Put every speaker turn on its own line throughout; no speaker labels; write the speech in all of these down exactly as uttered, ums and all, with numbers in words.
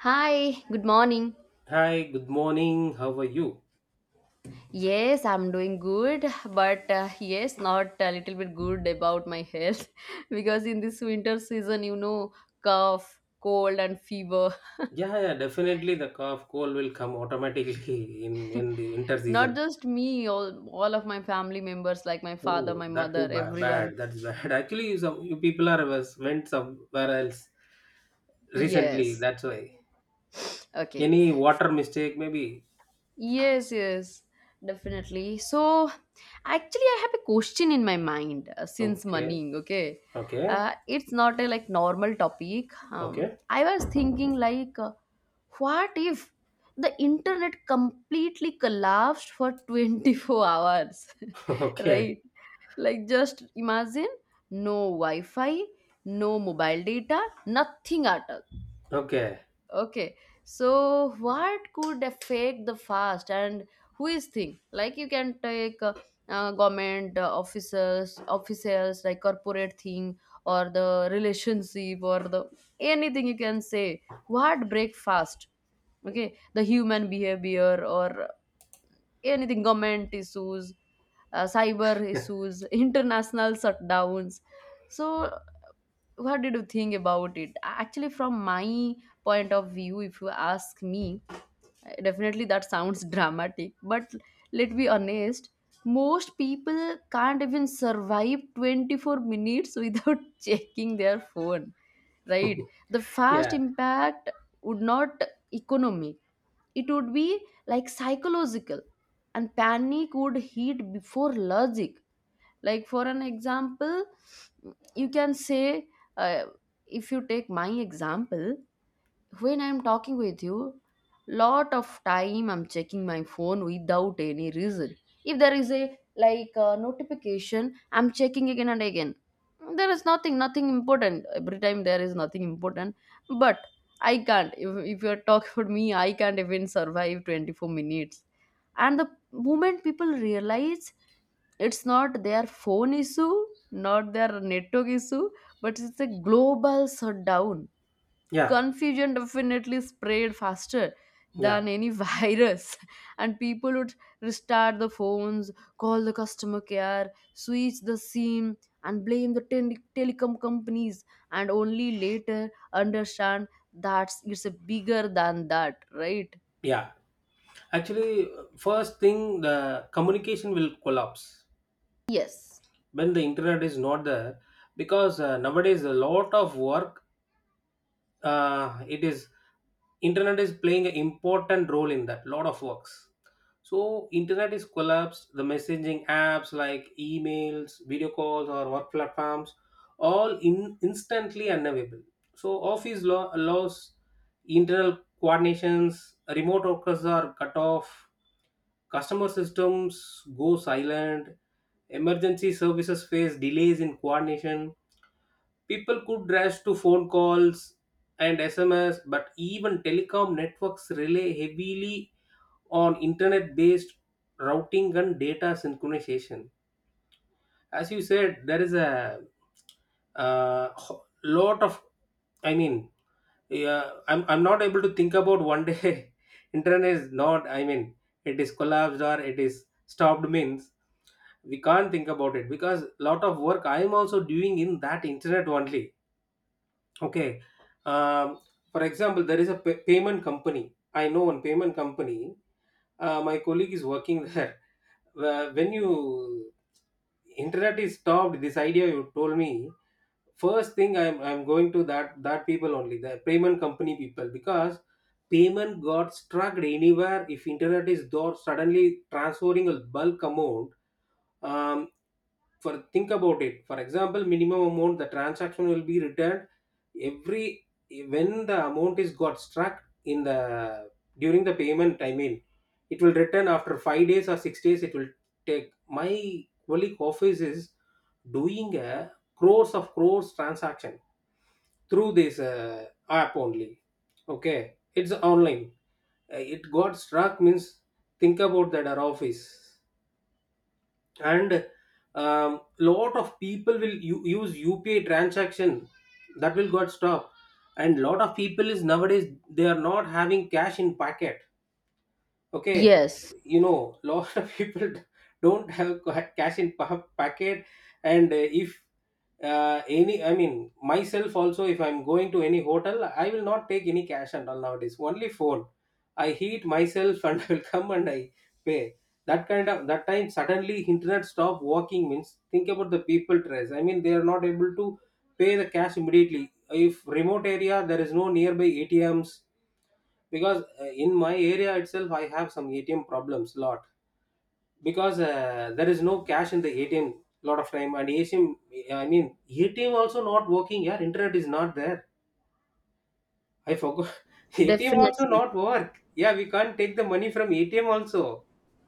Hi, good morning.
Hi, good morning. How are you?
Yes, I'm doing good, but uh, yes, not a little bit good about my health because in this winter season, you know, cough, cold, and fever.
Yeah, yeah, definitely the cough cold will come automatically in when the winter
Not
season.
just me, all, all of my family members, like my father,
Oh,
my
that
mother,
too ba-
everyone.
bad. That's bad. Actually, you, some, you people are was, went somewhere else recently.
Yes,
That's why.
okay.
Any water mistake, maybe.
Yes, yes, definitely. So, actually, I have a question in my mind uh, since
Okay,
money, okay?
okay,
Uh, it's not a like normal topic. Um,
okay,
I was thinking like, uh, what if the internet completely collapsed for twenty-four hours,
okay,
right? Like, just imagine no Wi-Fi, no mobile data, nothing at all.
okay.
Okay, so what could affect the fast and who is thing? Like you can take uh, uh, government uh, officers, officials like corporate thing or the relationship or the anything you can say. What break fast? Okay, the human behavior or anything government issues, uh, cyber issues, international shutdowns. So what did you think about it? Actually, from my point of view, if you ask me, definitely that sounds dramatic, but let be honest, most people can't even survive twenty-four minutes without checking their phone, right? The fast
Yeah,
impact would not economic, it would be like psychological, and panic would hit before logic. Like for an example you can say, uh, if you take my example, when I'm talking with you, lot of time I'm checking my phone without any reason. If there is a like uh, notification, I'm checking again and again. There is nothing nothing important, every time there is nothing important. But I can't, if, if you're talking about me, I can't even survive twenty-four minutes. And the moment people realize it's not their phone issue, not their network issue, but it's a global shutdown.
yeah,
Confusion definitely spread faster
yeah,
than any virus, and people would restart the phones, call the customer care, switch the SIM, and blame the tele- telecom companies, and only later understand that it's bigger than that, right?
yeah. Actually, uh, first thing, the communication will collapse.
Yes,
When the internet is not there, because uh, nowadays a lot of work, uh, it is internet is playing an important role in that lot of works. So internet is collapsed, the messaging apps like emails, video calls or work platforms all in instantly unavailable. So office law allows internal coordinations, remote workers are cut off, customer systems go silent. Emergency services face delays in coordination. People could rush to phone calls and S M S, but even telecom networks rely heavily on internet based routing and data synchronization. As you said, there is a uh, ho- lot of, I mean, yeah, i'm i'm not able to think about one day internet is not, I mean, it is collapsed or it is stopped means we can't think about it because lot of work I am also doing in that internet only. Okay. Um, for example, there is a pa payment company. I know one payment company. Uh, my colleague is working there. Where- When you internet is stopped, this idea you told me, first thing I'm I'm going to that that people only, the payment company people because payment got struck anywhere if internet is door suddenly, transferring a bulk amount, um, for think about it, for example minimum amount the transaction will be returned every when the amount is got struck in the during the payment, I mean, it will return after five days or six days, it will take. My colleague office is doing a crores of crores transaction through this uh, app only. Okay, it's online. Uh, it got struck means, think about that our office and, um, lot of people will u- use U P I transaction. That will got stopped and lot of people is nowadays they are not having cash in pocket. Okay,
yes,
you know lot of people don't have ca- cash in pa- packet. And uh, if uh, any, I mean, myself also, if I'm going to any hotel I will not take any cash and all nowadays, only phone. I heat myself and I will come and I pay. That kind of, that time suddenly internet stop working means, think about the people stress, I mean, they are not able to pay the cash immediately if remote area there is no nearby atms. Because uh, in my area itself I have some atm problems lot. Because uh, there is no cash in the atm lot of time and atm, I mean, atm also not working, yeah internet is not there, I forgot. atm also
definitely.
not work. Yeah, we can't take the money from atm also.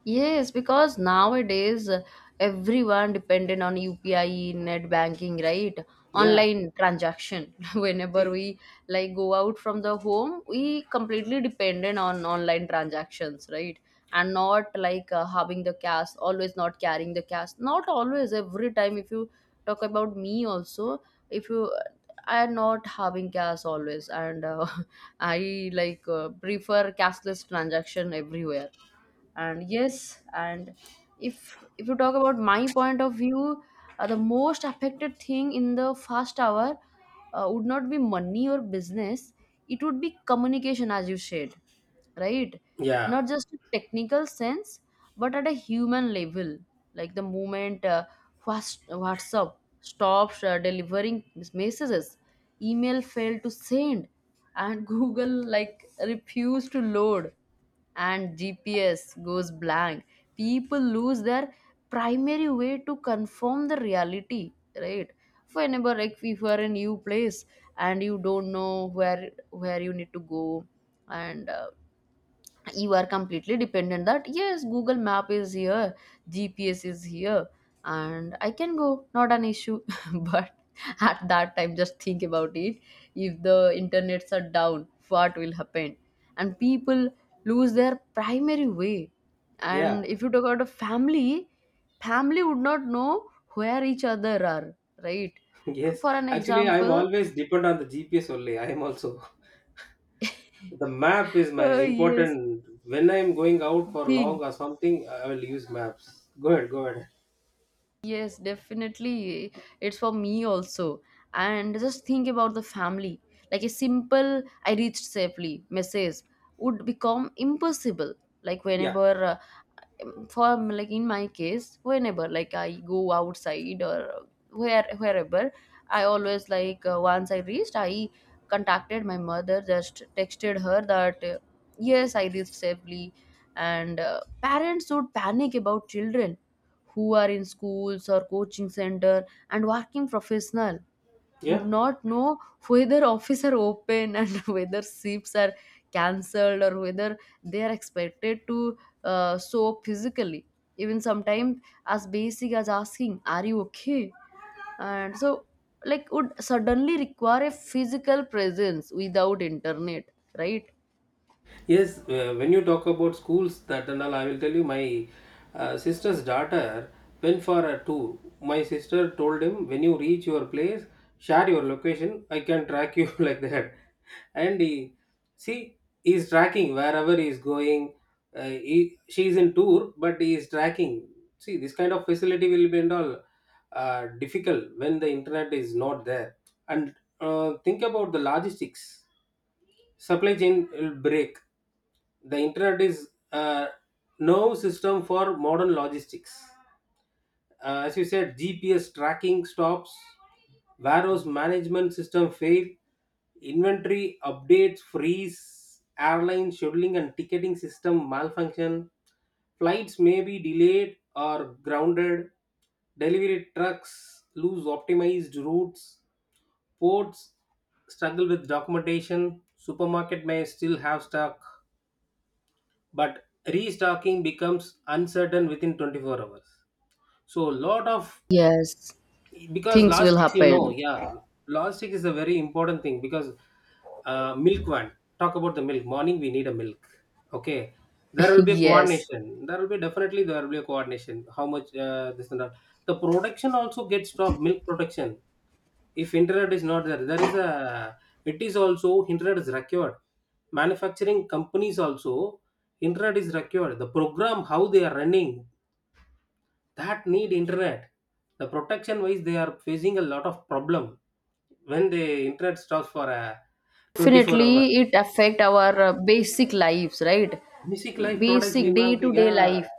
Yes, because nowadays uh, everyone dependent on U P I, net banking, right?
Yeah,
Online transaction. Whenever
see,
we like go out from the home, we completely dependent on online transactions, right? And not like uh, having the cash, always not carrying the cash. Not always, every time. If you talk about me also, if you I am not having cash always, and uh, I like uh, prefer cashless transaction everywhere, and yes, and if if you talk about my point of view, uh, the most affected thing in the first hour uh, would not be money or business, it would be communication, as you said, right?
yeah,
Not just a technical sense, but at a human level. Like the moment uh, Whats- whatsapp stops uh, delivering mes- messages, email failed to send, and google like refused to load, and G P S goes blank, people lose their primary way to confirm the reality, right? Whenever like if you are in new place and you don't know where where you need to go, and uh, you are completely dependent that yes google map is here, gps is here, and I can go, not an issue, but at that time just think about it. If the internets are down what will happen? And people lose their primary way.
yeah.
And if you talk about a family, family would not know where each other are, right?
yes
For an
actually I'm
example,
always depend on the gps only I am also the map is my
uh, yes,
important when I'm going out for
thing.
long or something I will use maps go ahead go ahead
Yes, definitely. It's for me also. And just think about the family. Like a simple, I reached safely message would become impossible. Like
Yeah.
whenever uh, for like in my case, whenever like I go outside or where wherever, I always like, uh, once I reached, I contacted my mother, just texted her that uh, yes, I reached safely. And uh, parents should panic about children who are in schools or coaching center, and working professional would
Yeah.
not know whether office are open, and whether shifts are cancelled or whether they are expected to uh, show up physically. Even sometimes as basic as asking, are you okay, and so like would suddenly require a physical presence without internet, right?
Yes, uh, when you talk about schools, that and all, I will tell you my uh, sister's daughter went for a tour. My sister told him, when you reach your place, share your location. I can track you like that. And he, see, he's tracking wherever he's going. Uh, he, she's in tour, but he is tracking. See, this kind of facility will be and all uh, difficult when the internet is not there. And uh, think about the logistics. Supply chain will break the internet is uh, no system for modern logistics. Uh, as you said, G P S tracking stops, warehouse management system fail, inventory updates freeze, airline scheduling and ticketing system malfunction, flights may be delayed or grounded, delivery trucks lose optimized routes, ports struggle with documentation, supermarket may still have stock but restocking becomes uncertain within twenty-four hours so lot of
Yes,
because
things will
logistics you know
happen.
yeah logistics is a very important thing because uh, milk one talk about the milk morning we need a milk okay there will be a
Yes,
coordination there will be definitely there will be a coordination how much uh, this and that the production also gets stopped milk production if internet is not there there is a it is also internet is required manufacturing companies also internet is required the program how they are running that need internet the protection wise they are facing a lot of problem when the internet stops for a twenty-four hours
definitely it affect our uh, basic lives, right?
basic life products we
Basic day
now
to
get-
day
yeah
life.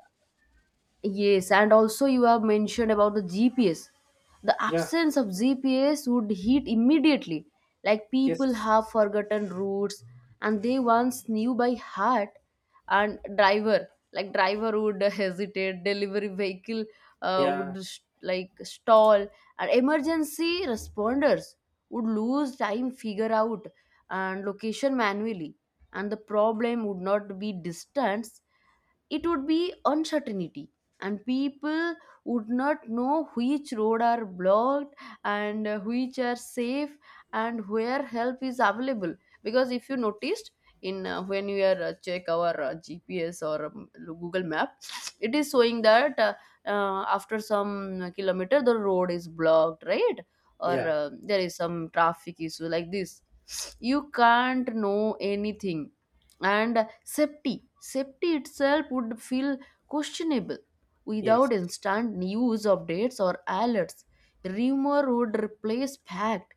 Yes, and also you have mentioned about the G P S. The
yeah
absence of G P S would hit immediately. Like people have
yes
forgotten routes and they once knew by heart. And driver, like driver would hesitate, delivery vehicle uh,
yeah
would s- like stall, and emergency responders would lose time figure out and location manually. And the problem would not be distance, it would be uncertainty, and people would not know which road are blocked, and uh, which are safe, and where help is available. Because if you noticed, in uh, when you are uh, check our uh, gps or um, google map, it is showing that uh, uh, after some kilometer the road is blocked, right? Or
yeah
uh, there is some traffic issue, like this you can't know anything. And safety. Safety itself would feel questionable without
yes
instant news updates or alerts. Rumor would replace fact.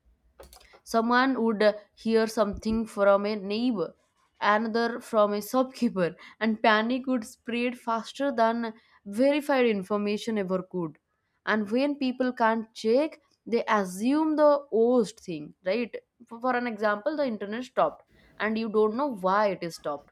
Someone would hear something from a neighbor, another from a shopkeeper, and panic would spread faster than verified information ever could. And when people can't check, they assume the worst thing, right? For for an example, the internet stopped, and you don't know why it is stopped.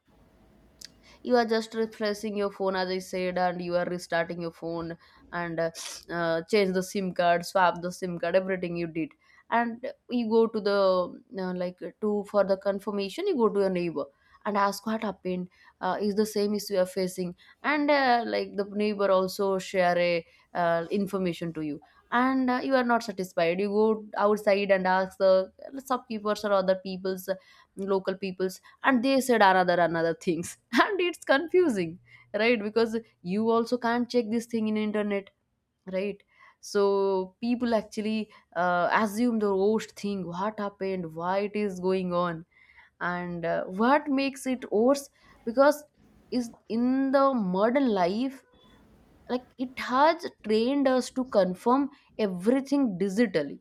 You are just refreshing your phone as I said, and you are restarting your phone, and uh, uh, change the sim card, swap the sim card, everything you did, and you go to the uh, like to for the confirmation, you go to your neighbor and ask what happened, uh, is the same issue you are facing. And uh, like the neighbor also share a uh, information to you, and uh, you are not satisfied, you go outside and ask the shopkeepers or other people's local people, and they said another another things. And it's confusing, right? Because you also can't check this thing in internet, right? So people actually uh, assume the worst thing, what happened, why it is going on. And uh, what makes it worse, because is in the modern life, like it has trained us to confirm everything digitally,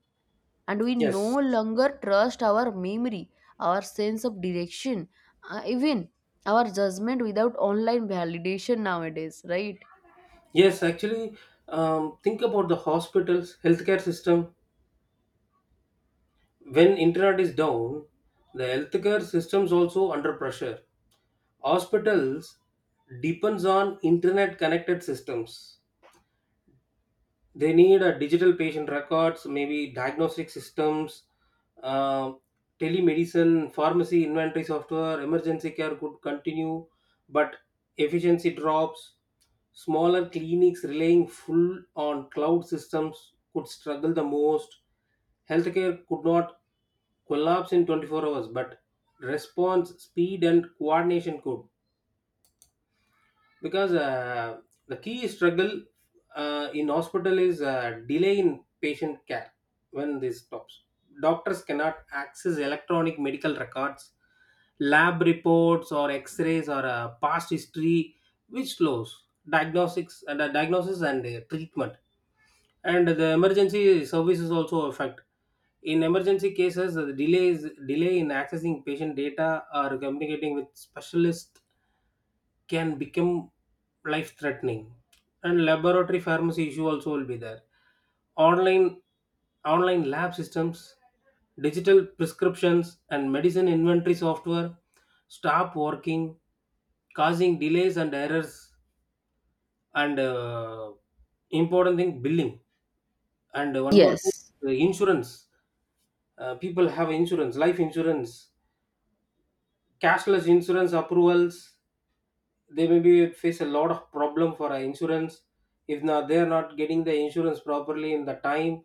and we no
yes
longer trust our memory, our sense of direction, uh, even our judgment without online validation nowadays, right?
yes, actually, um, think about the hospitals healthcare system when internet is down. The healthcare systems also under pressure. Hospitals depends on internet connected systems. They need a digital patient records, maybe diagnostic systems, uh, telemedicine, pharmacy inventory software. Emergency care could continue but efficiency drops. Smaller clinics relying full on cloud systems could struggle the most. Healthcare could not collapse in twenty-four hours but response speed and coordination could. Because uh, the key struggle uh, in hospital is uh, delay in patient care. When this stops, doctors cannot access electronic medical records, lab reports or x-rays or uh, past history, which slows diagnostics and uh, diagnosis and uh, treatment. And the emergency services also affect. In emergency cases, the delays delay in accessing patient data or communicating with specialists can become life threatening. And laboratory pharmacy issue also will be there. Online, online lab systems, digital prescriptions and medicine inventory software stop working, causing delays and errors. And uh, important thing, billing. And one more thing,
Yes,
the insurance. uh, people have insurance, life insurance, cashless insurance approvals, they maybe face a lot of problem for uh, insurance. If not they're not getting the insurance properly in the time,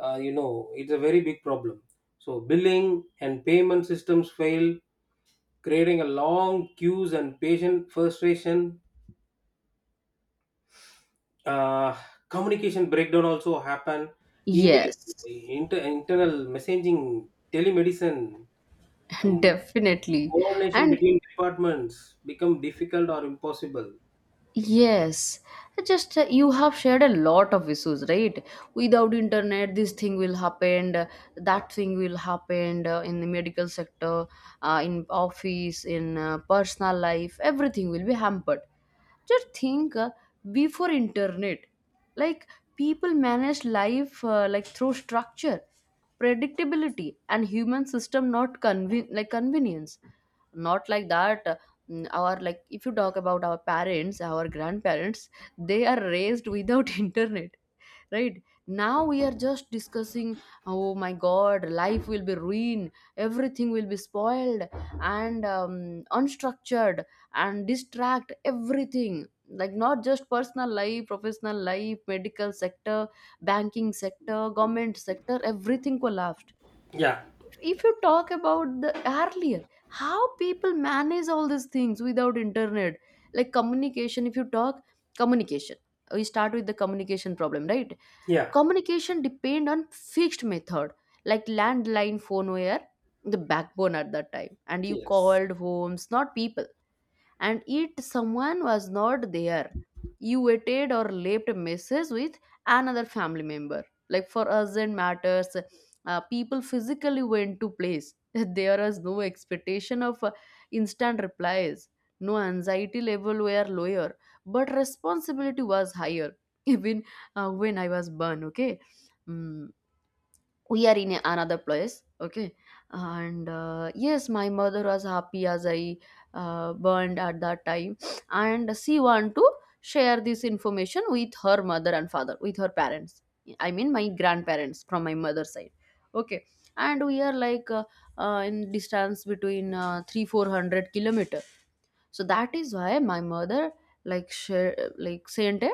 uh, you know it's a very big problem. So billing and payment systems fail, creating a long queues and patient frustration. uh, communication breakdown also happen. Email,
yes,
inter- internal messaging, telemedicine, um,
definitely.
coordination
And
between departments become difficult or impossible.
yes, just uh, you have shared a lot of issues, right? Without internet, this thing will happen, uh, that thing will happen uh, in the medical sector, uh, in office, in uh, personal life, everything will be hampered. Just think uh, before internet, like people managed life uh, like through structure, predictability, and human system, not conven- like convenience, not like that. Mm, our like if you talk about our parents our grandparents, they are raised without internet, right? Now we are just discussing, oh my god, life will be ruined, everything will be spoiled, and um, unstructured and distract everything, like not just personal life, professional life, medical sector, banking sector, government sector, everything collapsed.
Yeah,
If you talk about the earlier, how people manage all these things without internet, like communication, if you talk communication, we start with the communication problem, right?
yeah,
Communication depend on fixed method, like landline phone were the backbone at that time, and you
yes,
called homes, not people. And yet someone was not there, you waited or left a message with another family member. Like for urgent matters, uh, people physically went to place. There was no expectation of uh, instant replies. No, anxiety level were lower, but responsibility was higher. Even uh, when I was born, okay. Mm we are in a- another place, okay, and uh, yes, my mother was happy as I uh, burned at that time, and she want to share this information with her mother and father, with her parents, I mean my grandparents from my mother's side, okay. And we are like uh, uh, in distance between uh, three four hundred kilometer. So that is why my mother like share like sent a,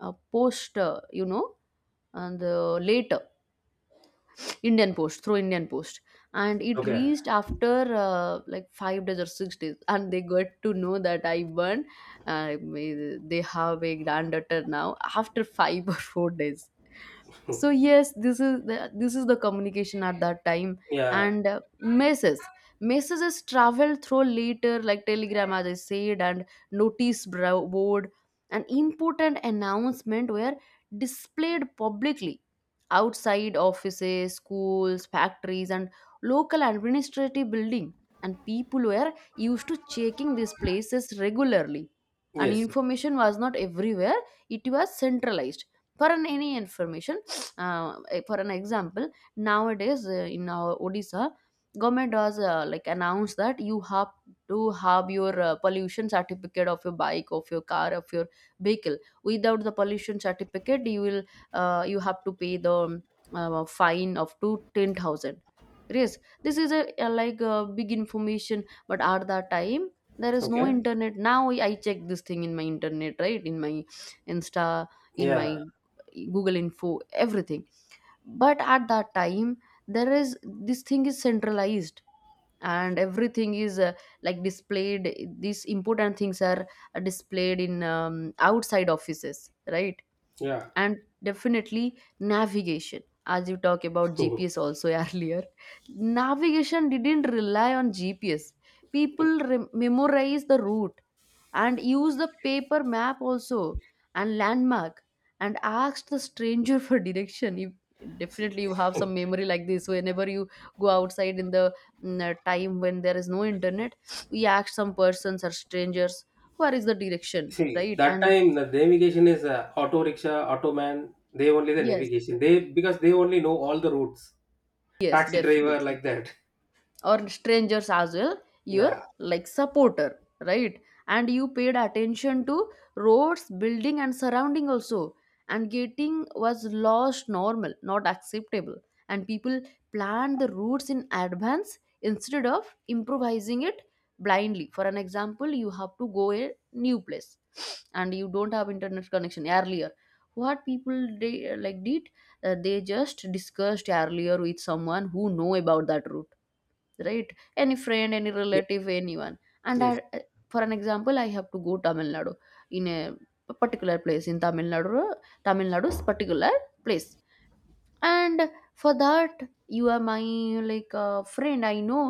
a post, uh, you know, and uh, later Indian Post, through Indian Post, and it
okay.
reached after uh, like five days or six days, and they got to know that I won. Uh, may- they have a granddaughter now after five or four days. So yes, this is the, this is the communication at that time,
Yeah.
and uh, messages, messages travel through later like telegram as I said, and notice bro- board, an important announcement were displayed publicly outside offices, schools, factories, and local administrative building. And people were used to checking these places regularly. And
Yes.
information was not everywhere; it was centralized. For an any information, uh, eh, for an example, nowadays uh, in our Odisha, government has uh, like announced that you have to have your uh, pollution certificate of your bike, of your car, of your vehicle. Without the pollution certificate, you will uh, you have to pay the uh, fine of to ten thousand. Yes, this is a, a like a big information, but at that time there is no
Okay.
internet. Now i I check this thing in my internet, right? In my insta, in my
Yeah.
google info, everything. But at that time there is, this thing is centralized, and everything is uh, like displayed. These important things are uh, displayed in um, outside offices, right?
Yeah.
And definitely navigation, as you talk about
Mhm.
G P S also earlier. Navigation didn't rely on G P S. People re- memorize the route and used the paper map also, and landmark, and asked the stranger for direction. If
See,
definitely you have some memory like this, whenever you go outside in the mm, uh, time when there is no internet, we ask some persons or strangers where is the direction,
see,
right?
that
And
time the navigation is uh, auto rickshaw, auto man. They only the
yes,
navigation. They because they only know all the routes.
yes,
Taxi driver
definitely,
like that.
or strangers as well, your
Yeah.
like supporter, right? And you paid attention to roads, building and surrounding also, and getting was lost normal, not acceptable. And people planned the routes in advance instead of improvising it blindly. For an example, you have to go a new place and you don't have internet connection earlier. What people they uh, like did, uh, they just discussed earlier with someone who know about that route, right? Any friend, any
Ye-
relative, anyone. And
Yes.
I, for an example, I have to go tamil nadu, in a particular place in tamil nadu, tamil nadu's particular place. And for that, you are my like uh, friend, I know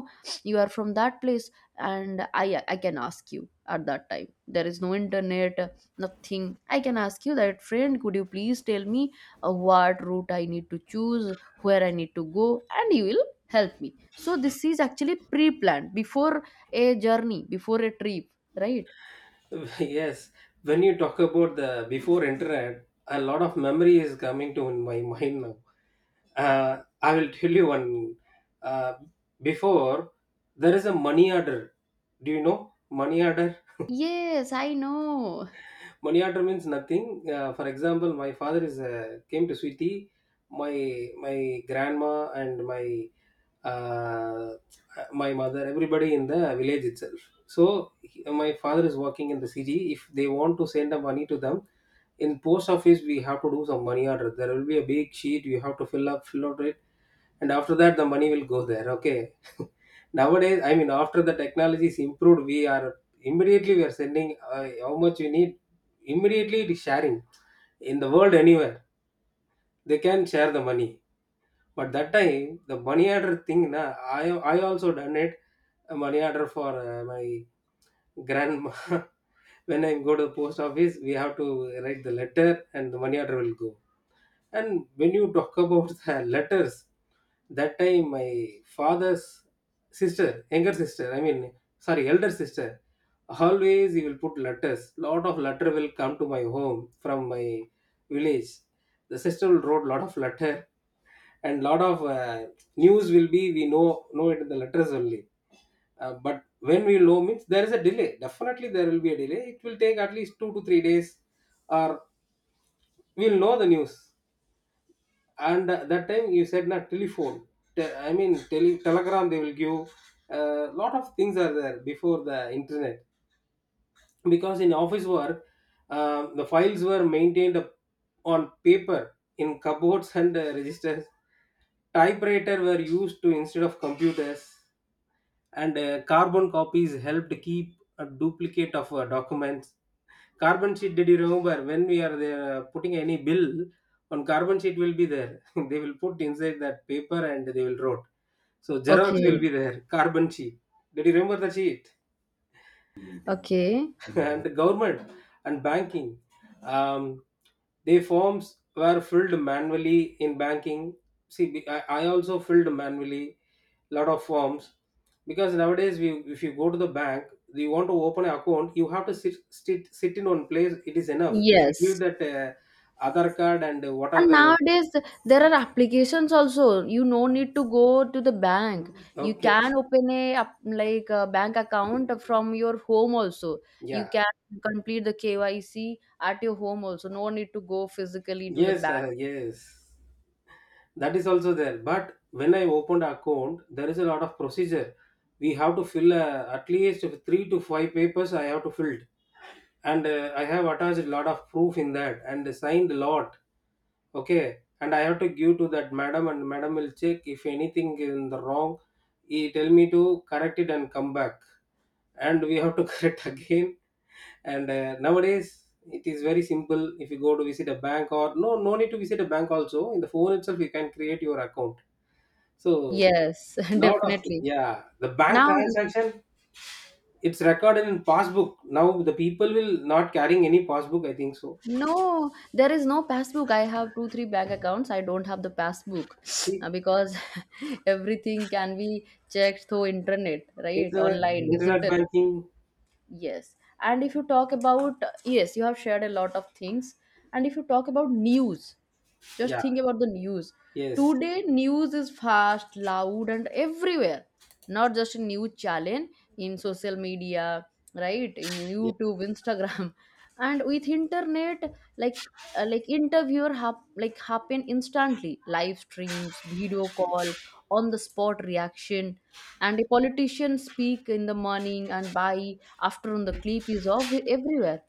you are from that place, and i i can ask you. At that time there is no internet, nothing. I can ask you that, friend, could you please tell me uh, what route I need to choose, where I need to go, and you will help me. So this is actually pre-planned before a journey, before a trip, right?
Yes. When you talk about the before internet, a lot of memory is coming to my mind now. Uh, I will tell you one. Uh, before, there is a money order. Do you know money order?
Yes, I know.
Money order means nothing. Uh, for example, my father is uh, came to Sweetie, my my grandma and my uh, my mother, everybody in the village itself. So he- my father is working in the city. If they want to send the money to them, in post office we have to do some money order. There will be a big sheet you have to fill up, fill out it, and after that the money will go there. Okay, nowadays, I mean, after the technology is improved, we are immediately we are sending uh, how much you need. Immediately, it is sharing in the world anywhere. They can share the money, but that time the money order thing. Na, I I also done it, a money order for uh, my grandma. when I go to the post office, we have to write the letter, and the money order will go. And when you talk about the letters, that time my father's sister, younger sister, I mean, sorry, elder sister, always he will put letters. Lot of letter will come to my home from my village. The sister will wrote lot of letter and lot of uh, news will be we know know it in the letters only. Uh, but when we know means there is a delay. Definitely there will be a delay. It will take at least two to three days, or we'll know the news. And that time you said not telephone. Te- I mean, tele, telegram they will give. A lot of things are there before the internet because in office work, um, the files were maintained up on paper in cupboards and uh, registers. Typewriter were used to instead of computers and uh, carbon copies helped keep a duplicate of uh, documents. Carbon sheet, did you remember when we are there uh, putting any bill on carbon sheet will be there. they will put inside that paper and they will wrote. So Xerox will
Okay.
be there. Carbon sheet. Did you remember the sheet?
Okay.
And the government and banking, um, they forms were filled manually in banking. See, be- i, I also filled manually lot of forms. Because nowadays we, if you go to the bank you want to open an account you have to sit, sit sit in one place, it is enough if you give
Yes.
that uh, other card and uh, what are
And
the.
nowadays, th- there are applications also. You no need to go to the bank. You
Okay,
can open a app- like a bank account from your home also. You
yeah.
can complete the K Y C at your home also. No need to go physically to the
Yes,
bank.
uh, yes. That is also there. But when I opened account, there is a lot of procedure. We have to fill uh, at least three to five papers, I have to fill, and uh, I have attached a lot of proof in that and signed a lot. Okay, and I have to give to that madam, and madam will check if anything is in the wrong. He tell me to correct it and come back, and we have to correct again. And uh, nowadays it is very simple. If you go to visit a bank or no, no need to visit a bank. Also, in the phone itself, you can create your account. So
Yes,
lot of,
definitely.
yeah, the bank
Now, n-
transaction it's recorded in passbook. Now the people will not carrying any passbook, I think so.
no, there is no passbook. I have two, three bank accounts. I don't have the passbook uh,
See,
because everything can be checked through internet, right?
internet
Online, mhm,
internet
digital.
banking.
Yes. And if you talk about, yes, you have shared a lot of things. And if you talk about news, just
Yeah.
think about the news.
Yes.
Today, news is fast, loud, and everywhere. Not just a news channel, in social media, right? In
Yeah,
YouTube, Instagram, and with internet, like uh, like interviewer hap- like happen instantly. Live streams, video call, on the spot reaction, and a politician speak in the morning and by afternoon the clip is off everywhere,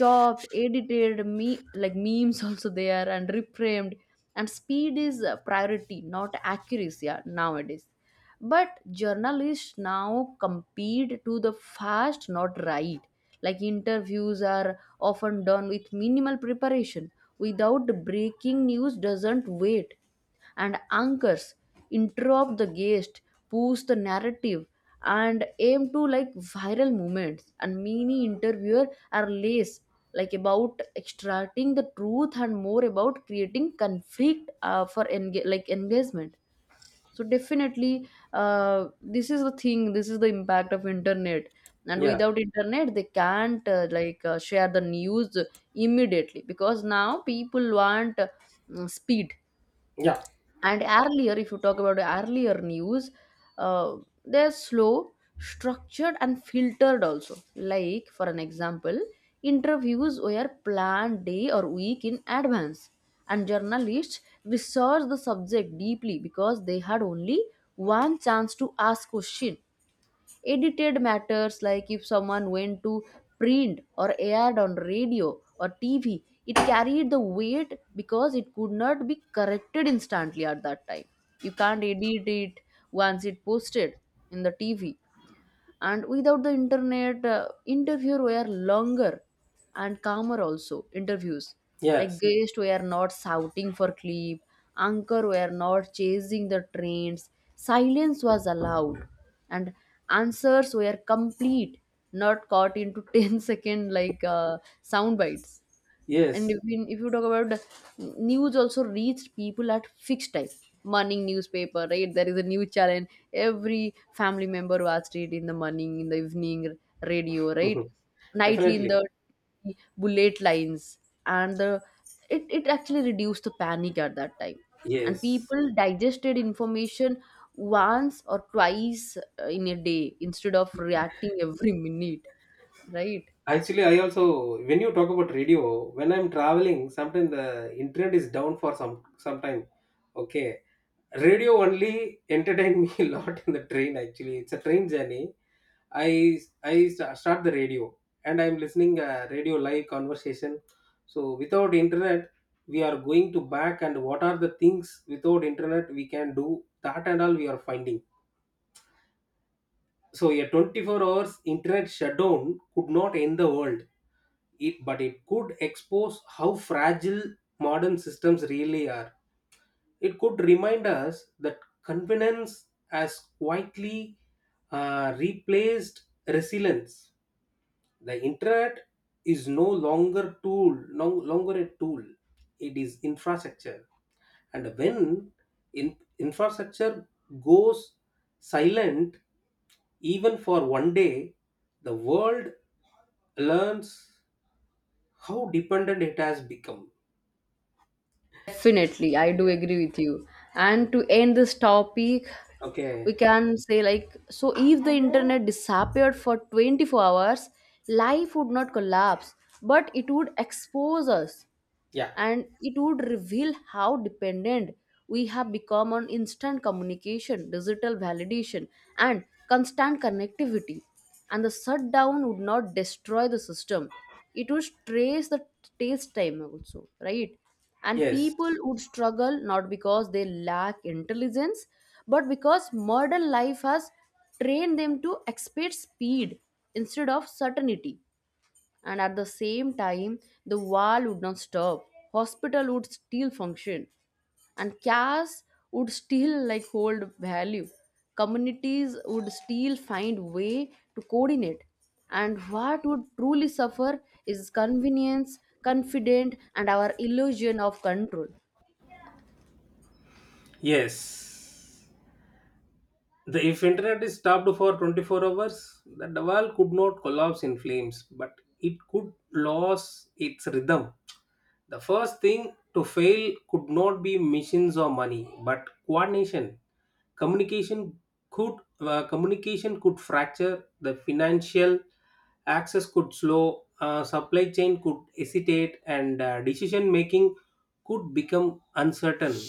chopped, edited me like memes also there, and reframed. And speed is a priority, not accuracy, uh, nowadays. But journalists now compete to the fast, not right. Like interviews are often done with minimal preparation, without breaking news doesn't wait. And anchors interrupt the guest, push the narrative, and aim to like viral moments. And many interviewer are less like about extracting the truth and more about creating conflict uh, for enga- like engagement. So definitely uh, this is the thing, this is the impact of internet. And
yeah,
without internet they can't uh, like uh, share the news immediately, because now people want uh, speed.
yeah,
And earlier, if you talk about earlier news, uh, they're slow, structured, and filtered also. Like, for an example, interviews were planned day or week in advance, and journalists researched the subject deeply because they had only one chance to ask question. Edited matters, like if someone went to print or aired on radio or T V, it carried the weight because it could not be corrected instantly at that time. You can't edit it once it posted in the T V. And without the internet, uh, interviews were longer and calmer also. Interviews like
yes,
guests were not shouting for clip, anchor were not chasing the trains, silence was allowed, and answers were complete, not caught into ten second like uh, sound bites. And
yes.
if you, if you talk about the news also reached people at fixed time. Morning newspaper, right? There is a news channel, every family member watched it, in the morning, in the evening, radio, right?
Mhm.
Nightly in
Definitely,
the bullet lines, and the it, it actually reduced the panic at that time. And
yes.
people digested information once or twice uh, in a day instead of reacting every minute, right?
Actually, I also when you talk about radio, when I'm traveling, sometimes the internet is down for some some time. Okay, radio only entertained me a lot in the train. Actually, it's a train journey. I I sta- start the radio and I'm listening a radio live conversation. So without internet, we are going to back and what are the things without internet we can do that and all we are finding. So a twenty-four hours internet shutdown could not end the world, it, but it could expose how fragile modern systems really are. It could remind us that convenience has quietly uh, replaced resilience. The internet is no longer tool, no longer a tool. It is infrastructure, and when in, infrastructure goes silent even for one day, the world learns how dependent it has become.
Definitely, I do
Yeah,
agree with you. And to end this topic,
okay,
we can say like, so if the internet disappeared for twenty-four hours, life would not collapse, but it would expose us.
yeah,
And it would reveal how dependent we have become on instant communication, digital validation, and constant connectivity. And the shutdown would not destroy the system, it would trace the taste time also, right? And
yes,
people would struggle not because they lack intelligence, but because modern life has trained them to expect speed instead of certainty. And at the same time, the war would not stop, hospital would still function, and cash would still like hold value, communities would still find way to coordinate. And what would truly suffer is convenience, confidence, and our illusion of control.
yes. The, if internet is stopped for twenty-four hours, the wall could not collapse in flames but it could lose its rhythm. The first thing to fail could not be machines or money, but coordination. Communication could, uh, communication could fracture. The financial access could slow. Uh, supply chain could hesitate, and uh, decision making could become uncertain.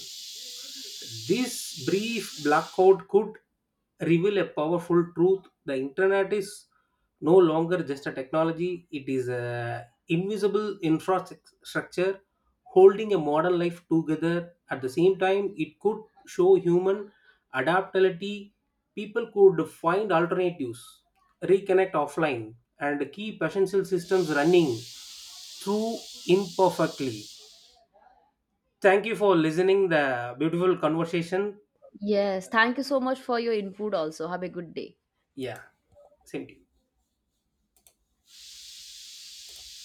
This brief blackout could reveal a powerful truth. The internet is no longer just a technology, it is a invisible infrastructure holding a modern life together. At the same time, it could show human adaptability. People could find alternatives, reconnect offline, and keep essential systems running through imperfectly. Thank you for listening the beautiful conversation.
Yes, thank you so much for your input also. Have a good day.
Yeah, same to you.